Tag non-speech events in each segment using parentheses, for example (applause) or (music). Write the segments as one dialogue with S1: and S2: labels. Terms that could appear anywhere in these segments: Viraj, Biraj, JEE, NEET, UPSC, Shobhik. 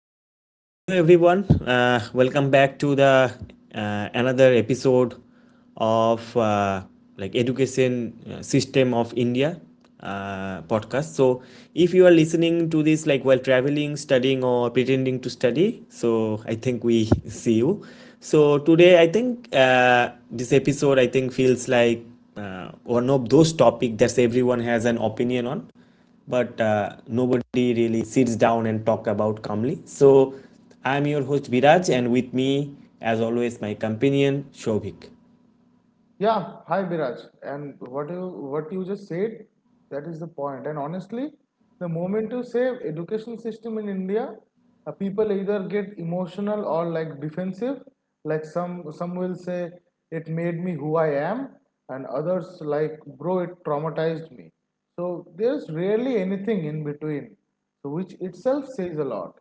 S1: Okay. So, hello everyone. Welcome back to the another episode of like education system of India podcast. So, if you are listening to this like while traveling, studying, or pretending to study, so I think we (laughs) see you. So today, I think this episode I think feels like one of those topic that everyone has an opinion on but nobody really sits down and talk about calmly. So I'm your host Viraj, and with me, as always, my companion Shobhik.
S2: Yeah, hi Biraj. And what you just said, that is the point. And honestly, the moment you say education system in India, people either get emotional or like defensive. Like some will say it made me who I am, and others like bro it traumatized me. So there's rarely anything in between, so which itself says a lot.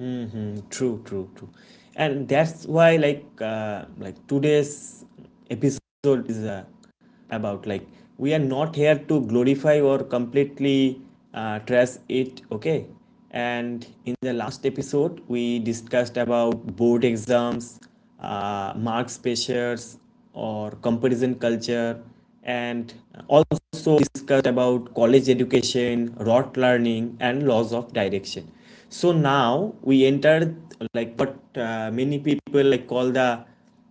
S1: Mm-hmm. True, true, true. And that's why today's episode is about like we are not here to glorify or completely trash it, okay? And in the last episode, we discussed about board exams, marks pressures, or comparison culture, and all also discussed about college education, rote learning, and laws of direction. So now we enter like what many people like call the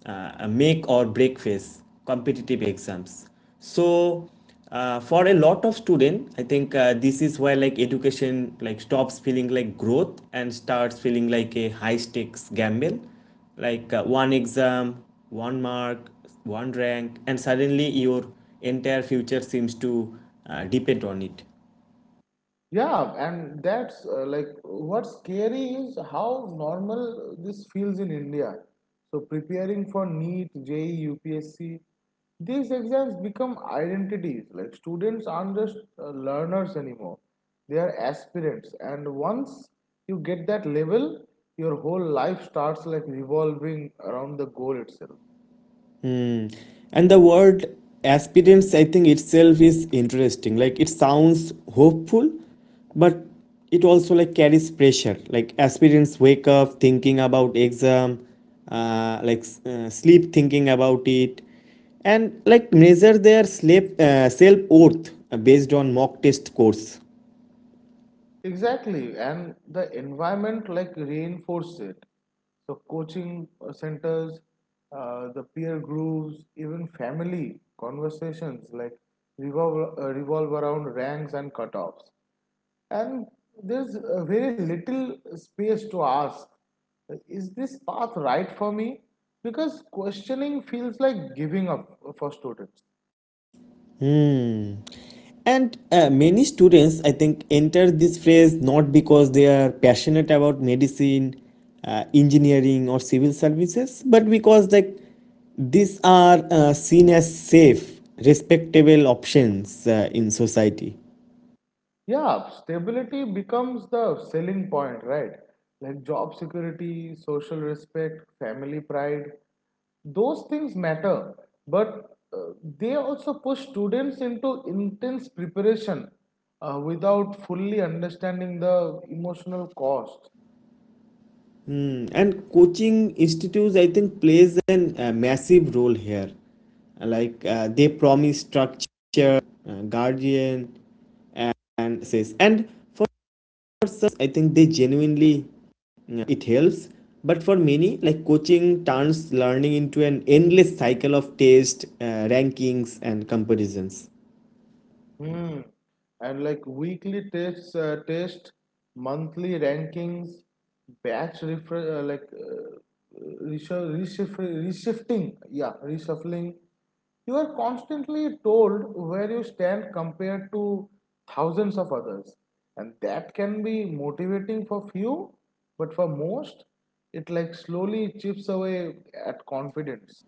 S1: make or break phase, competitive exams. So for a lot of students, I think this is where like education like stops feeling like growth and starts feeling like a high stakes gamble one exam, one mark, one rank, and suddenly your entire future seems to depend on it.
S2: Yeah, and that's like what's scary is how normal this feels in India. So preparing for NEET, JEE, UPSC, these exams become identities. Like students aren't just learners anymore; they are aspirants. And once you get that level, your whole life starts like revolving around the goal itself.
S1: And the word aspirants, I think itself is interesting. Like it sounds hopeful, but it also like carries pressure. Like aspirants wake up thinking about exam, sleep thinking about it, and like measure their sleep self worth based on mock test scores.
S2: Exactly, and the environment like reinforce it. So coaching centers, the peer groups, even family conversations like revolve around ranks and cutoffs. And there's very little space to ask, is this path right for me? Because questioning feels like giving up for students.
S1: Hmm. And many students, I think, enter this phrase not because they are passionate about medicine, engineering, or civil services, but because like these are seen as safe, respectable options in society.
S2: Yeah, stability becomes the selling point, right? Like job security, social respect, family pride, those things matter. But they also push students into intense preparation without fully understanding the emotional cost.
S1: Hmm. And coaching institutes, I think, plays an massive role here. They promise structure, guardian, and says. And for for some I think they genuinely yeah, it helps, but for many like coaching turns learning into an endless cycle of test rankings and comparisons.
S2: Hmm. And like weekly tests, monthly rankings, batch refer- like reshu- reshif- reshifting, yeah, reshuffling. You are constantly told where you stand compared to thousands of others, and that can be motivating for few, but for most, it like slowly chips away at confidence.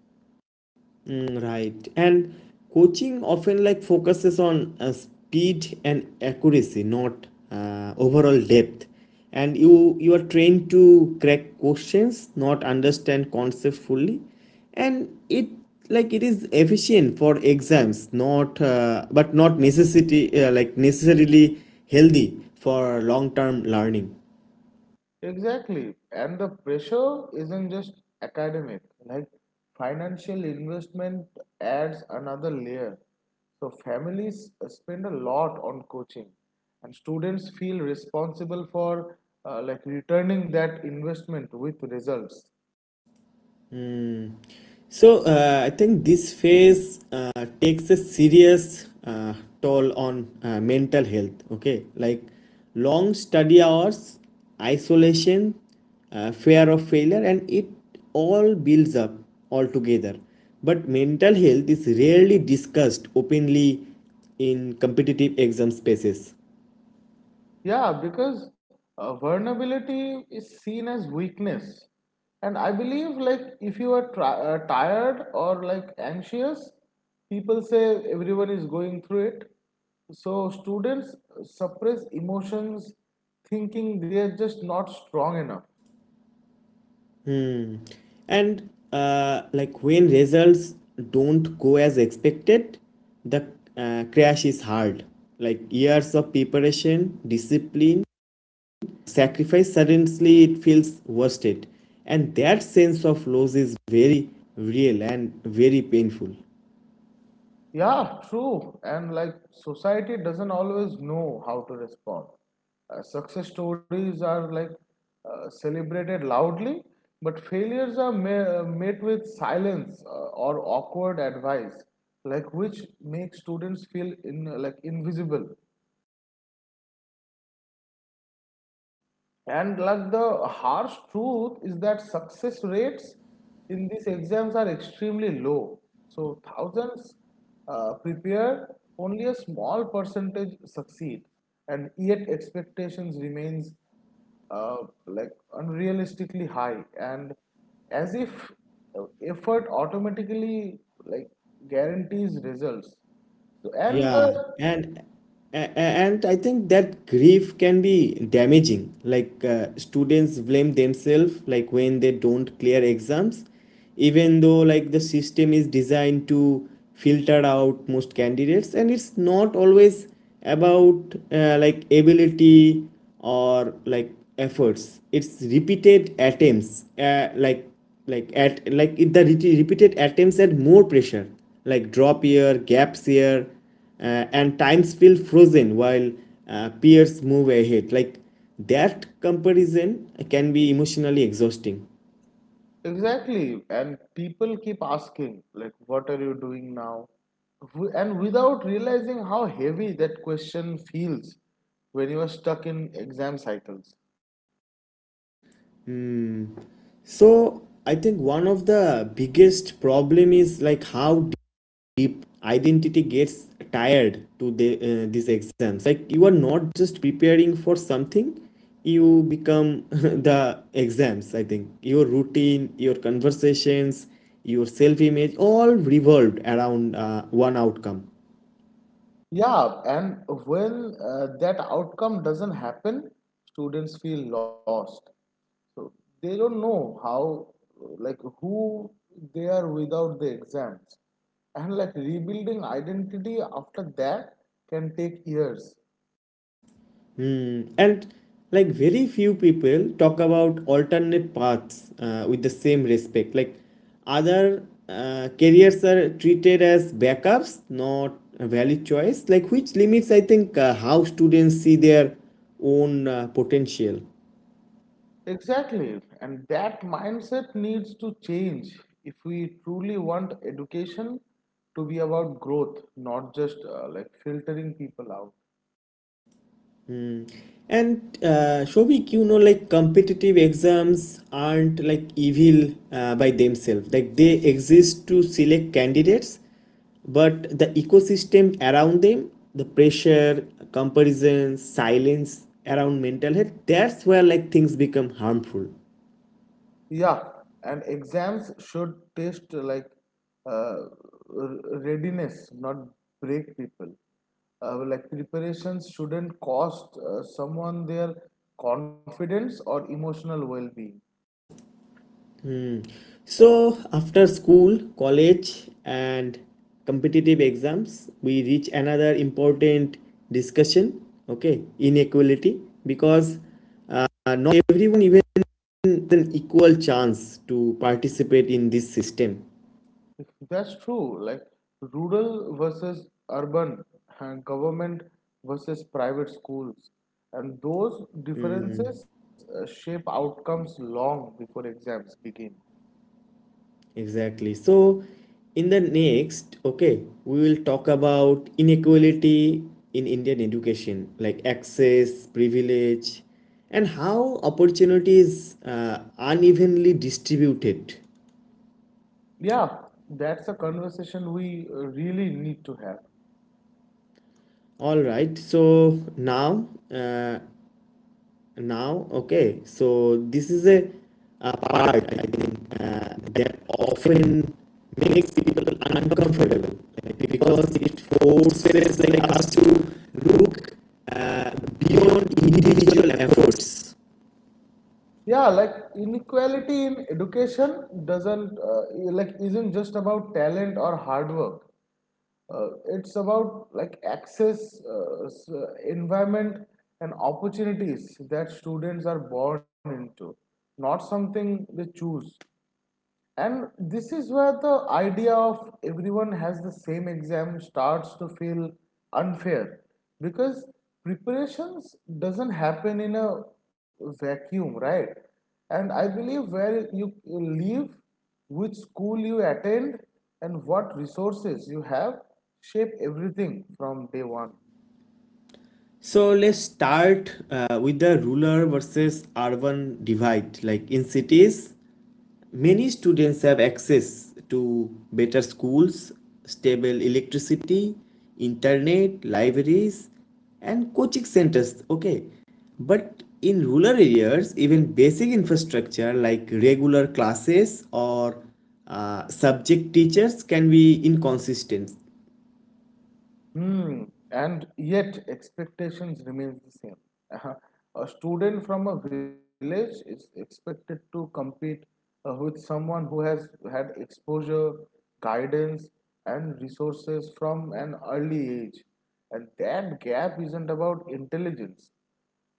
S1: Mm, right. And coaching often like focuses on speed and accuracy, not overall depth. And you are trained to crack questions, not understand concepts fully, and it like it is efficient for exams, not necessity like necessarily healthy for long term learning.
S2: Exactly. And the pressure isn't just academic, like financial investment adds another layer. So families spend a lot on coaching, and students feel responsible for like returning that investment with results.
S1: Hmm. So I think this phase takes a serious toll on mental health. Okay, like long study hours, isolation, fear of failure, and it all builds up altogether. But mental health is rarely discussed openly in competitive exam spaces.
S2: Yeah, because vulnerability is seen as weakness. And I believe, like, if you are tired or like anxious, people say everyone is going through it. So students suppress emotions, thinking they are just not strong enough.
S1: Hmm. And like when results don't go as expected, the crash is hard. Like years of preparation, discipline, sacrifice, suddenly it feels worth it. And that sense of loss is very real and very painful.
S2: Yeah, true. And like society doesn't always know how to respond. Success stories are like celebrated loudly, but failures are met with silence or awkward advice, like which makes students feel in like invisible. And like the harsh truth is that success rates in these exams are extremely low. So thousands prepare, only a small percentage succeed, and yet expectations remains uh, like unrealistically high, and as if effort automatically like guarantees results. So, and
S1: Yeah,
S2: the
S1: and I think that grief can be damaging. Students blame themselves like when they don't clear exams, even though like the system is designed to filter out most candidates, and it's not always about like ability or like efforts. It's repeated attempts, like at like it- the re- repeated attempts at more pressure like drop year gaps year and times feel frozen while peers move ahead like that comparison can be emotionally exhausting.
S2: Exactly, and people keep asking, like, what are you doing now? And without realizing how heavy that question feels when you are stuck in exam cycles.
S1: Hmm. So I think one of the biggest problem is like how if identity gets tired to the, these exams like you are not just preparing for something, you become (laughs) the exams. I think your routine, your conversations, your self image all revolved around one outcome.
S2: Yeah, and when that outcome doesn't happen, students feel lost. So they don't know how, like, who they are without the exams. And like rebuilding identity after that can take years.
S1: Hmm. And like very few people talk about alternate paths with the same respect. Like other careers are treated as backups, not a valid choice. Like which limits I think how students see their own potential.
S2: Exactly, and that mindset needs to change if we truly want education to be about growth, not just like filtering people out.
S1: And Shobik, you know, like competitive exams aren't like evil by themselves. Like they exist to select candidates, but the ecosystem around them, the pressure, comparison, silence around mental health, that's where like things become harmful.
S2: Yeah, and exams should test like uh, readiness, not break people. Like preparations shouldn't cost someone their confidence or emotional well-being.
S1: So after school, college, and competitive exams, we reach another important discussion, okay, inequality, because not everyone even has an equal chance to participate in this system.
S2: That's true. Like rural versus urban, and government versus private schools, and those differences shape outcomes long before exams begin.
S1: Exactly, so in the next, okay, we will talk about inequality in Indian education like access, privilege, and how opportunities unevenly distributed.
S2: Yeah, that's a conversation we really need to have.
S1: All right, so now, uh, so this is a part I think that often makes people uncomfortable like, because it forces like us to look uh, beyond individual efforts.
S2: Yeah, like inequality in education doesn't like isn't just about talent or hard work. It's about like access, environment, and opportunities that students are born into, not something they choose. And this is where the idea of everyone has the same exam starts to feel unfair, because preparations doesn't happen in a vacuum, right? And I believe where you live, which school you attend, and what resources you have shape everything from day one.
S1: So let's start with the rural versus urban divide like in cities many students have access to better schools, stable electricity, internet, libraries, and coaching centers. Okay, but in rural areas, even basic infrastructure like regular classes or subject teachers can be inconsistent.
S2: Hmm, and yet expectations remains the same. Uh-huh. A student from a village is expected to compete with someone who has had exposure, guidance, and resources from an early age. And that gap isn't about intelligence.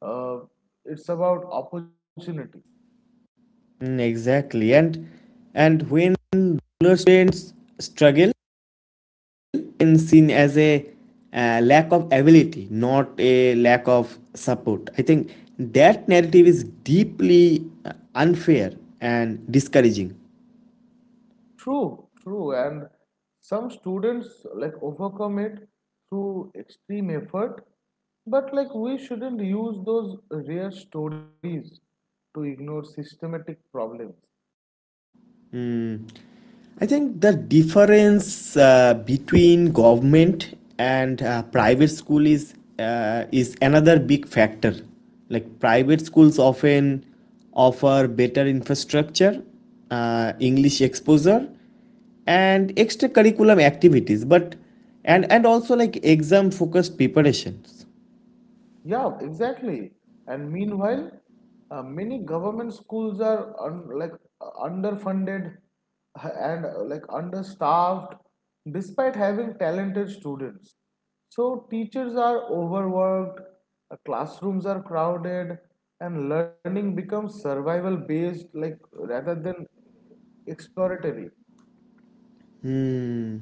S2: Uh, it's about opportunity.
S1: Mm, exactly. And when rural students struggle often seen as a lack of ability, not a lack of support. I think that narrative is deeply unfair and discouraging.
S2: True, true. And some students like overcome it through extreme effort, but like we shouldn't use those rare stories to ignore systematic problems.
S1: I think the difference between government and private school is another big factor. Like private schools often offer better infrastructure, English exposure, and extracurricular activities, but and also like exam focused preparations.
S2: Yeah, exactly. And meanwhile, many government schools are un like underfunded (laughs) and like understaffed, despite having talented students. So teachers are overworked, classrooms are crowded, and learning becomes survival based, like rather than exploratory.
S1: Hmm.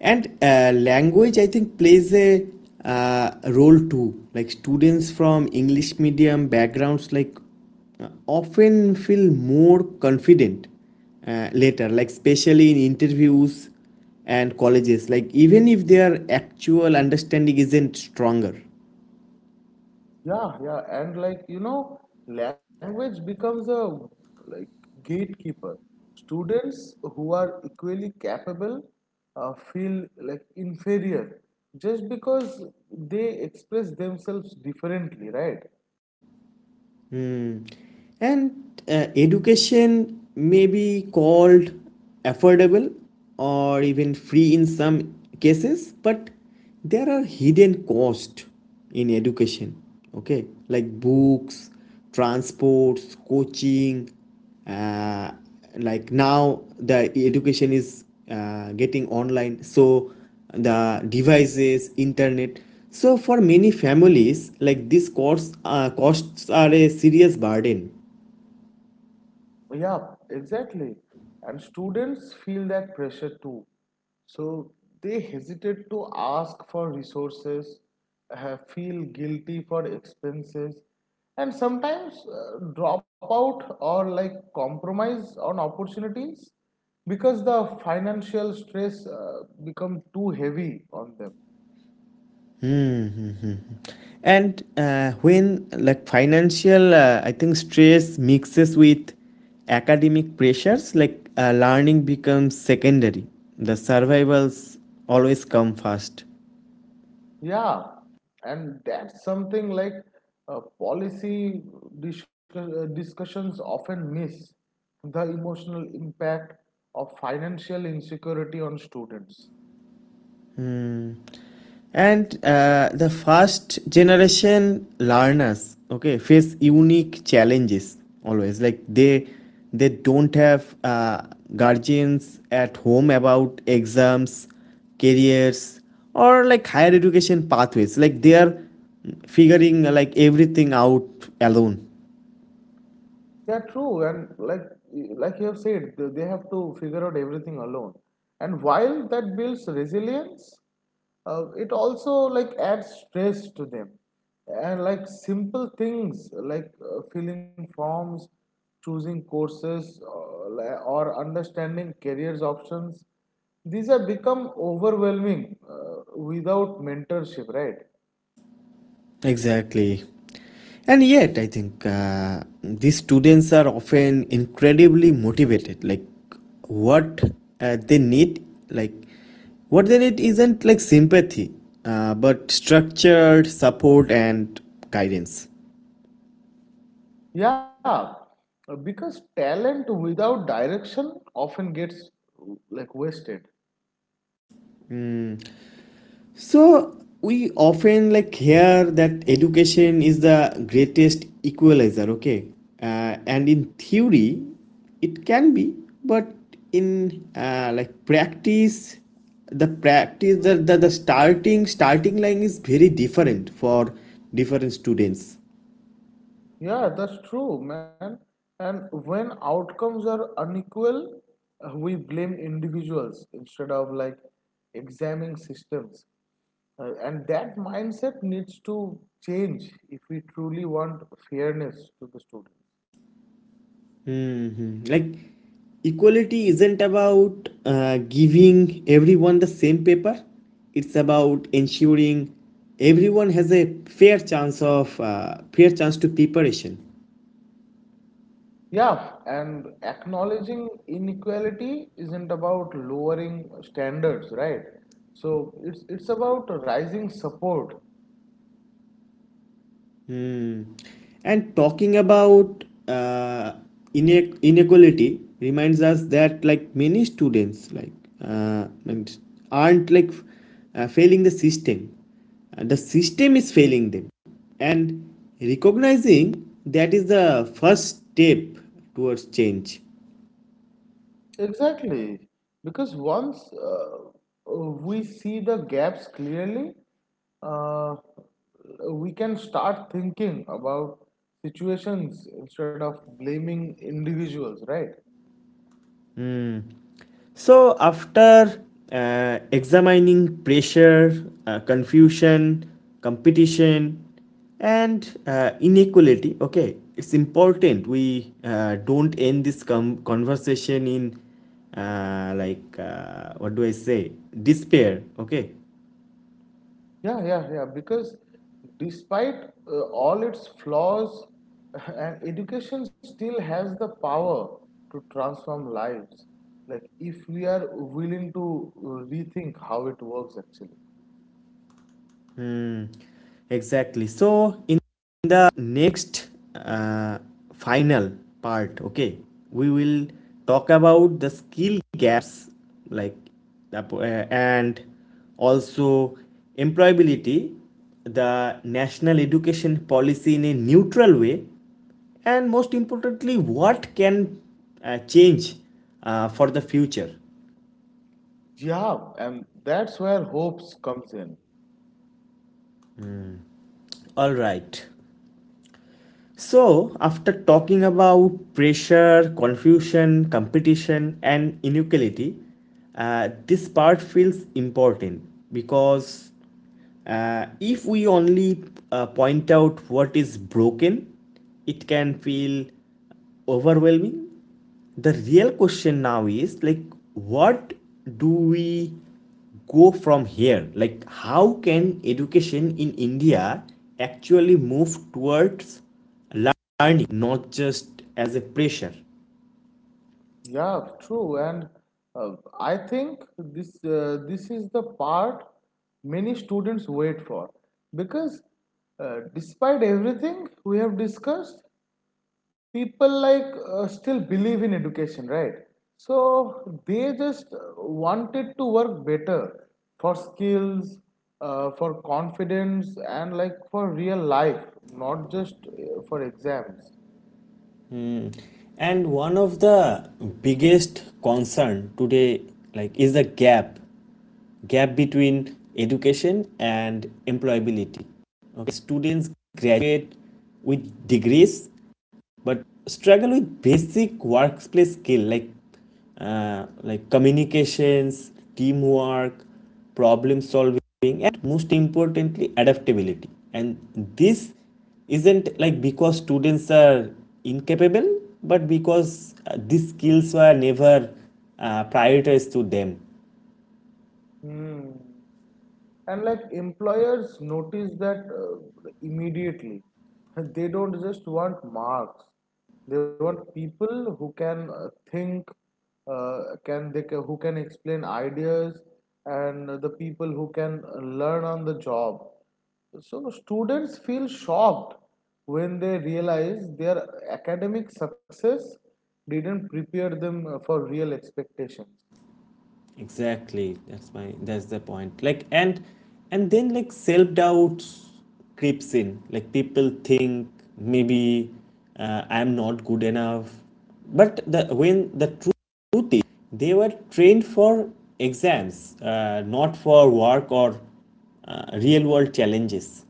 S1: And language, I think, plays a role too. Like students from English medium backgrounds, like often feel more confident later, like especially in interviews and colleges, like even if their actual understanding isn't stronger.
S2: Yeah, yeah, and like you know, language becomes a like gatekeeper. Students who are equally capable feel like inferior just because they express themselves differently, right?
S1: Hmm. And education may be called affordable or even free in some cases, but there are hidden costs in education. Okay, like books, transports, coaching, uh, like now the education is getting online, so the devices, internet, so for many families like these costs are a serious burden.
S2: Yeah, exactly. And students feel that pressure too. So they hesitate to ask for resources, feel guilty for expenses, and sometimes drop out or like compromise on opportunities because the financial stress become too heavy on them.
S1: Hmm. And when like financial I think stress mixes with academic pressures like learning becomes secondary, the survivals always come first.
S2: Yeah, and that's something like policy discussions often miss the emotional impact of financial insecurity on students.
S1: Hmm. And the first generation learners, okay, face unique challenges always. Like they don't have guardians at home about exams, careers, or like higher education pathways. Like they are figuring like everything out alone.
S2: Yeah, true. And like you have said, they have to figure out everything alone. And while that builds resilience, it also like adds stress to them. And like simple things like filling forms, choosing courses, li- or understanding careers options, these have become overwhelming without mentorship, right?
S1: Exactly. And yet, I think these students are often incredibly motivated. Like, what they need, like, what they need isn't like sympathy, but structured support and guidance.
S2: Yeah, because talent without direction often gets like wasted.
S1: So we often like hear that education is the greatest equalizer, okay? And in theory, it can be, but in like practice, the starting line is very different for different students.
S2: Yeah, that's true, man. And when outcomes are unequal, we blame individuals instead of like examining systems. And that mindset needs to change if we truly want fairness to the students.
S1: Mhm. Like equality isn't about giving everyone the same paper, it's about ensuring everyone has a fair chance of fair chance to preparation.
S2: Yeah, and acknowledging inequality isn't about lowering standards, right? So it's about rising support.
S1: Hmm. And talking about inequality reminds us that like many students like and aren't like failing the system. The system is failing them. And recognizing that is the first step towards change.
S2: Exactly, because once we see the gaps clearly, uh, we can start thinking about situations instead of blaming individuals, right?
S1: So, after examining pressure, confusion, competition, and inequality, okay, it's important we don't end this conversation in what do I say, despair, okay.
S2: Yeah, yeah, yeah. Because despite all its flaws, (laughs) and education still has the power to transform lives. Like if we are willing to rethink how it works, actually.
S1: Hmm, exactly. So in the next uh, final part, okay, we will talk about the skill gaps, like and also employability, the national education policy in a neutral way, and most importantly, what can change for the future.
S2: Yeah, and that's where hopes comes in.
S1: All right. So, after talking about pressure, confusion, competition, and inequality, this part feels important because if we only point out what is broken, it can feel overwhelming. The real question now is like, what do we go from here? Like, how can education in India actually move towards learning, not just as a pressure.
S2: Yeah, true. And I think this is the part many students wait for because despite everything we have discussed, people like still believe in education, right? So they just wanted to work better for skills, for confidence, and like for real life, not just for exams.
S1: Mm. And one of the biggest concern today like is the gap between education and employability. Okay, students graduate with degrees but struggle with basic workplace skill like communications, teamwork, problem solving, and most importantly adaptability. And this isn't like because students are incapable, but because these skills were never prioritized to them.
S2: Hmm. And like employers notice that immediately. (laughs) They don't just want marks, they want people who can think, uh, who can explain ideas, and the people who can learn on the job. So students feel shocked when they realize their academic success didn't prepare them for real expectations.
S1: Exactly. That's the point. Like, and then like self doubt creeps in. Like people think maybe I'm not good enough. But the when the truth is they were trained for exams, not for work or real world challenges.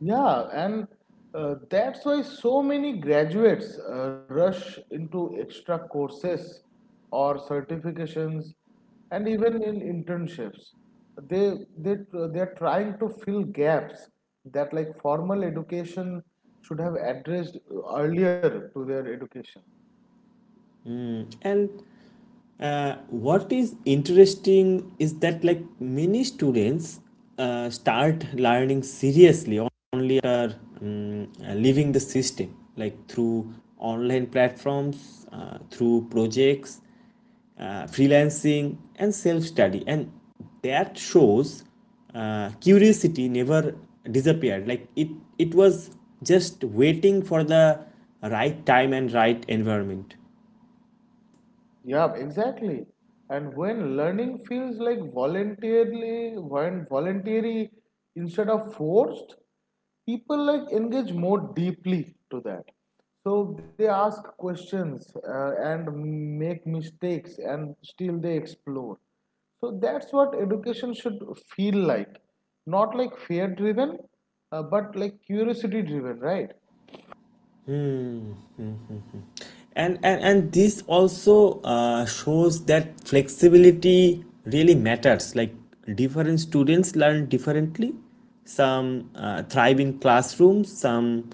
S2: Yeah, and that's why so many graduates rush into extra courses or certifications and even in internships. They are trying to fill gaps that like formal education should have addressed earlier to their education.
S1: And what is interesting is that like many students start learning seriously only after leaving the system, like through online platforms, through projects, freelancing, and self study, and that shows curiosity never disappeared. Like it was just waiting for the right time and right environment.
S2: Yeah, exactly. And when learning feels like voluntarily, when voluntary instead of forced, people like engage more deeply to that. So they ask questions and make mistakes, and still they explore. So that's what education should feel like, not like fear driven, but like curiosity driven, right?
S1: And this also shows that flexibility really matters like different students learn differently. Some thrive in classrooms, some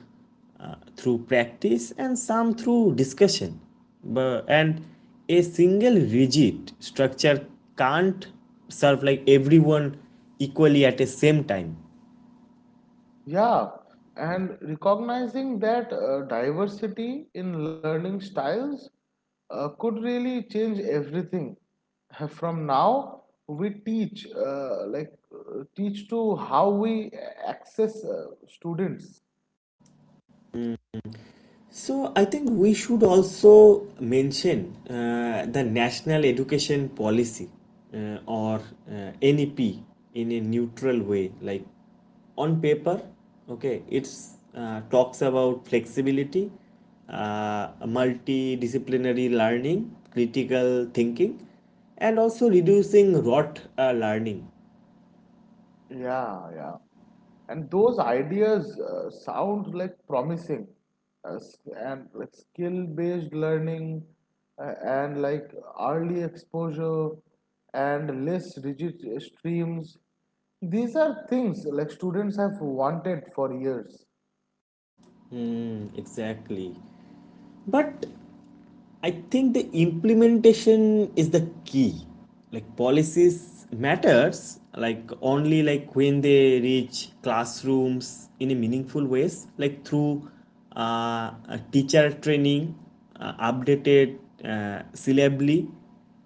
S1: through practice, and some through discussion, but, and a single rigid structure can't serve like everyone equally at the same time.
S2: Yeah, and recognizing that diversity in learning styles could really change everything. (laughs) From now, teach to how we access students.
S1: So I think we should also mention the National Education Policy or NEP in a neutral way. Like on paper, okay, it's talks about flexibility, multidisciplinary learning, critical thinking, and also reducing rote learning.
S2: Yeah, yeah. And those ideas sound like promising, uh, and like skill based learning and like early exposure and less rigid streams. These are things like students have wanted for years.
S1: Hmm, exactly. But I think the implementation is the key. Like policies matters like only like when they reach classrooms in a meaningful ways like through uh, teacher training, updated syllably,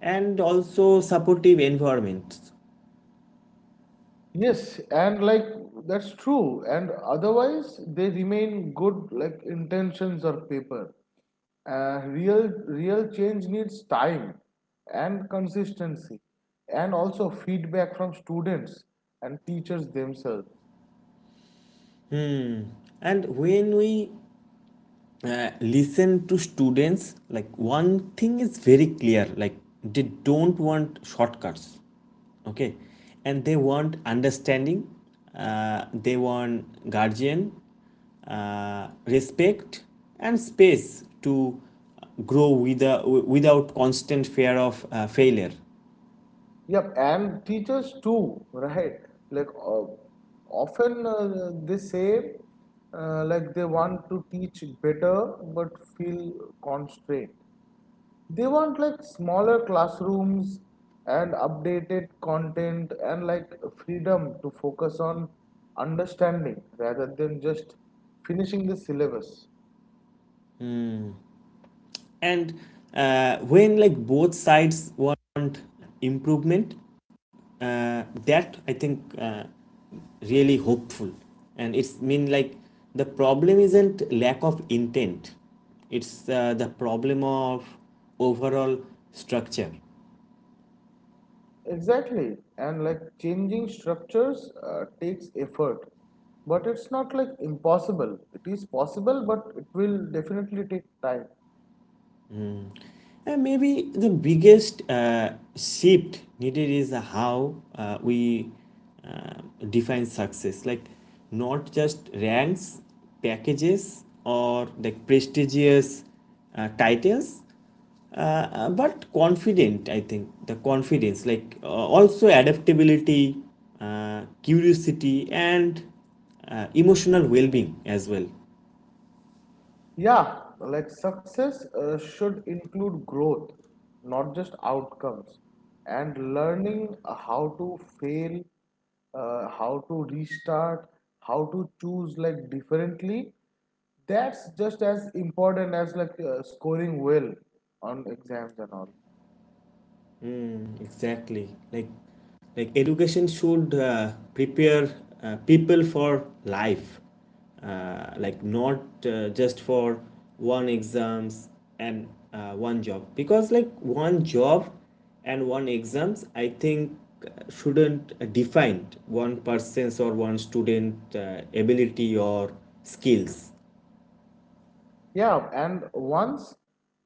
S1: and also supportive environments.
S2: Yes, and like that's true. And otherwise, they remain good, like intentions or paper. Real change needs time and consistency, and also feedback from students and teachers themselves.
S1: And when we listen to students like one thing is very clear, like they don't want shortcuts, okay, and they want understanding, they want guardian, respect, and space to grow without constant fear of failure.
S2: Yep, and teachers too, (laughs) right? Like often they say, like they want to teach better but feel constrained. They want like smaller classrooms and updated content and like freedom to focus on understanding rather than just finishing the syllabus.
S1: And when like both sides want improvement, that I think really hopeful, and it's mean like the problem isn't lack of intent, it's the problem of overall structure.
S2: Exactly. And like changing structures takes effort. But it's not like impossible. It is possible, but it will definitely take time.
S1: And maybe the biggest shift needed is how we uh, define success, like not just ranks, packages, or like prestigious titles, uh, but confident I think the confidence like also adaptability, curiosity, and emotional well-being as well.
S2: Yeah, like success should include growth, not just outcomes, and learning how to fail, how to restart, how to choose like differently. That's just as important as like scoring well on exams and all.
S1: Mm, exactly. Like education should prepare people for life, like not just for one exams and one job. Because like one job and one exams, I think shouldn't define one person's or one student ability or skills.
S2: Yeah, and once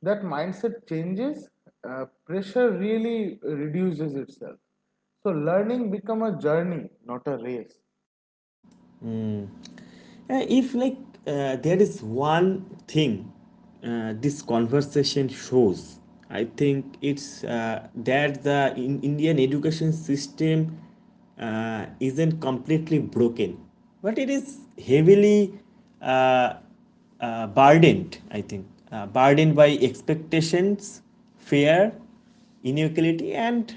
S2: that mindset changes, pressure really reduces itself. So learning become a journey, not a race.
S1: If there is one thing this conversation shows, I think it's that the Indian education system isn't completely broken, but it is heavily uh, burdened. I think Burdened by expectations, fear, inequality, and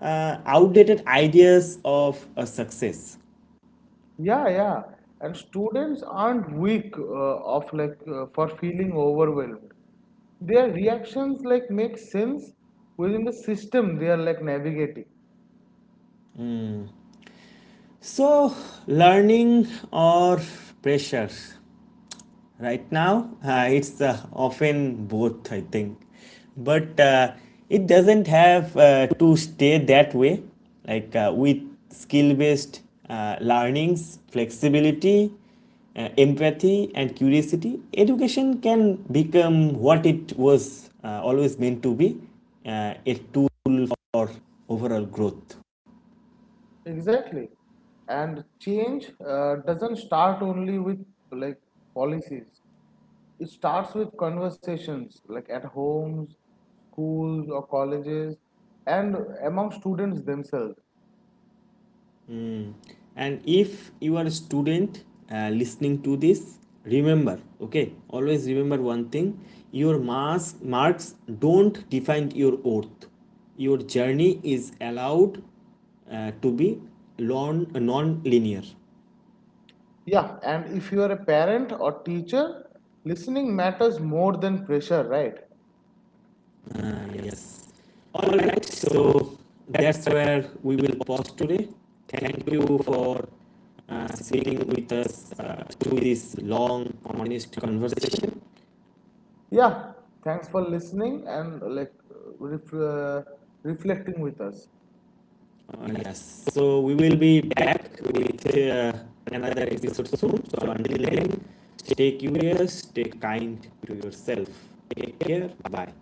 S1: outdated ideas of success.
S2: Yeah, yeah. And students aren't weak of like for feeling overwhelmed. Their reactions like make sense within the system they are like navigating.
S1: So, learning or pressure? Right now, it's often both, I think. But it doesn't have to stay that way. Like with skill based learnings, flexibility, empathy, and curiosity, education can become what it was always meant to be a tool for overall growth.
S2: Exactly. And change doesn't start only with like policies. It starts with conversations like at homes, schools or colleges and among students themselves.
S1: And if you are a student listening to this, remember, okay, always remember one thing: your mass marks don't define your worth, your journey is allowed to be long, non-linear.
S2: Yeah, and if you are a parent or teacher, listening matters more than pressure, right?
S1: uh, yes. All right, so that's where we will pause today. Thank you for sitting with us through this long honest conversation.
S2: Yeah, thanks for listening and like ref- uh, reflecting with us.
S1: Yes. So we will be back with another episode soon. So until then, stay curious, stay kind to yourself. Take care. Bye.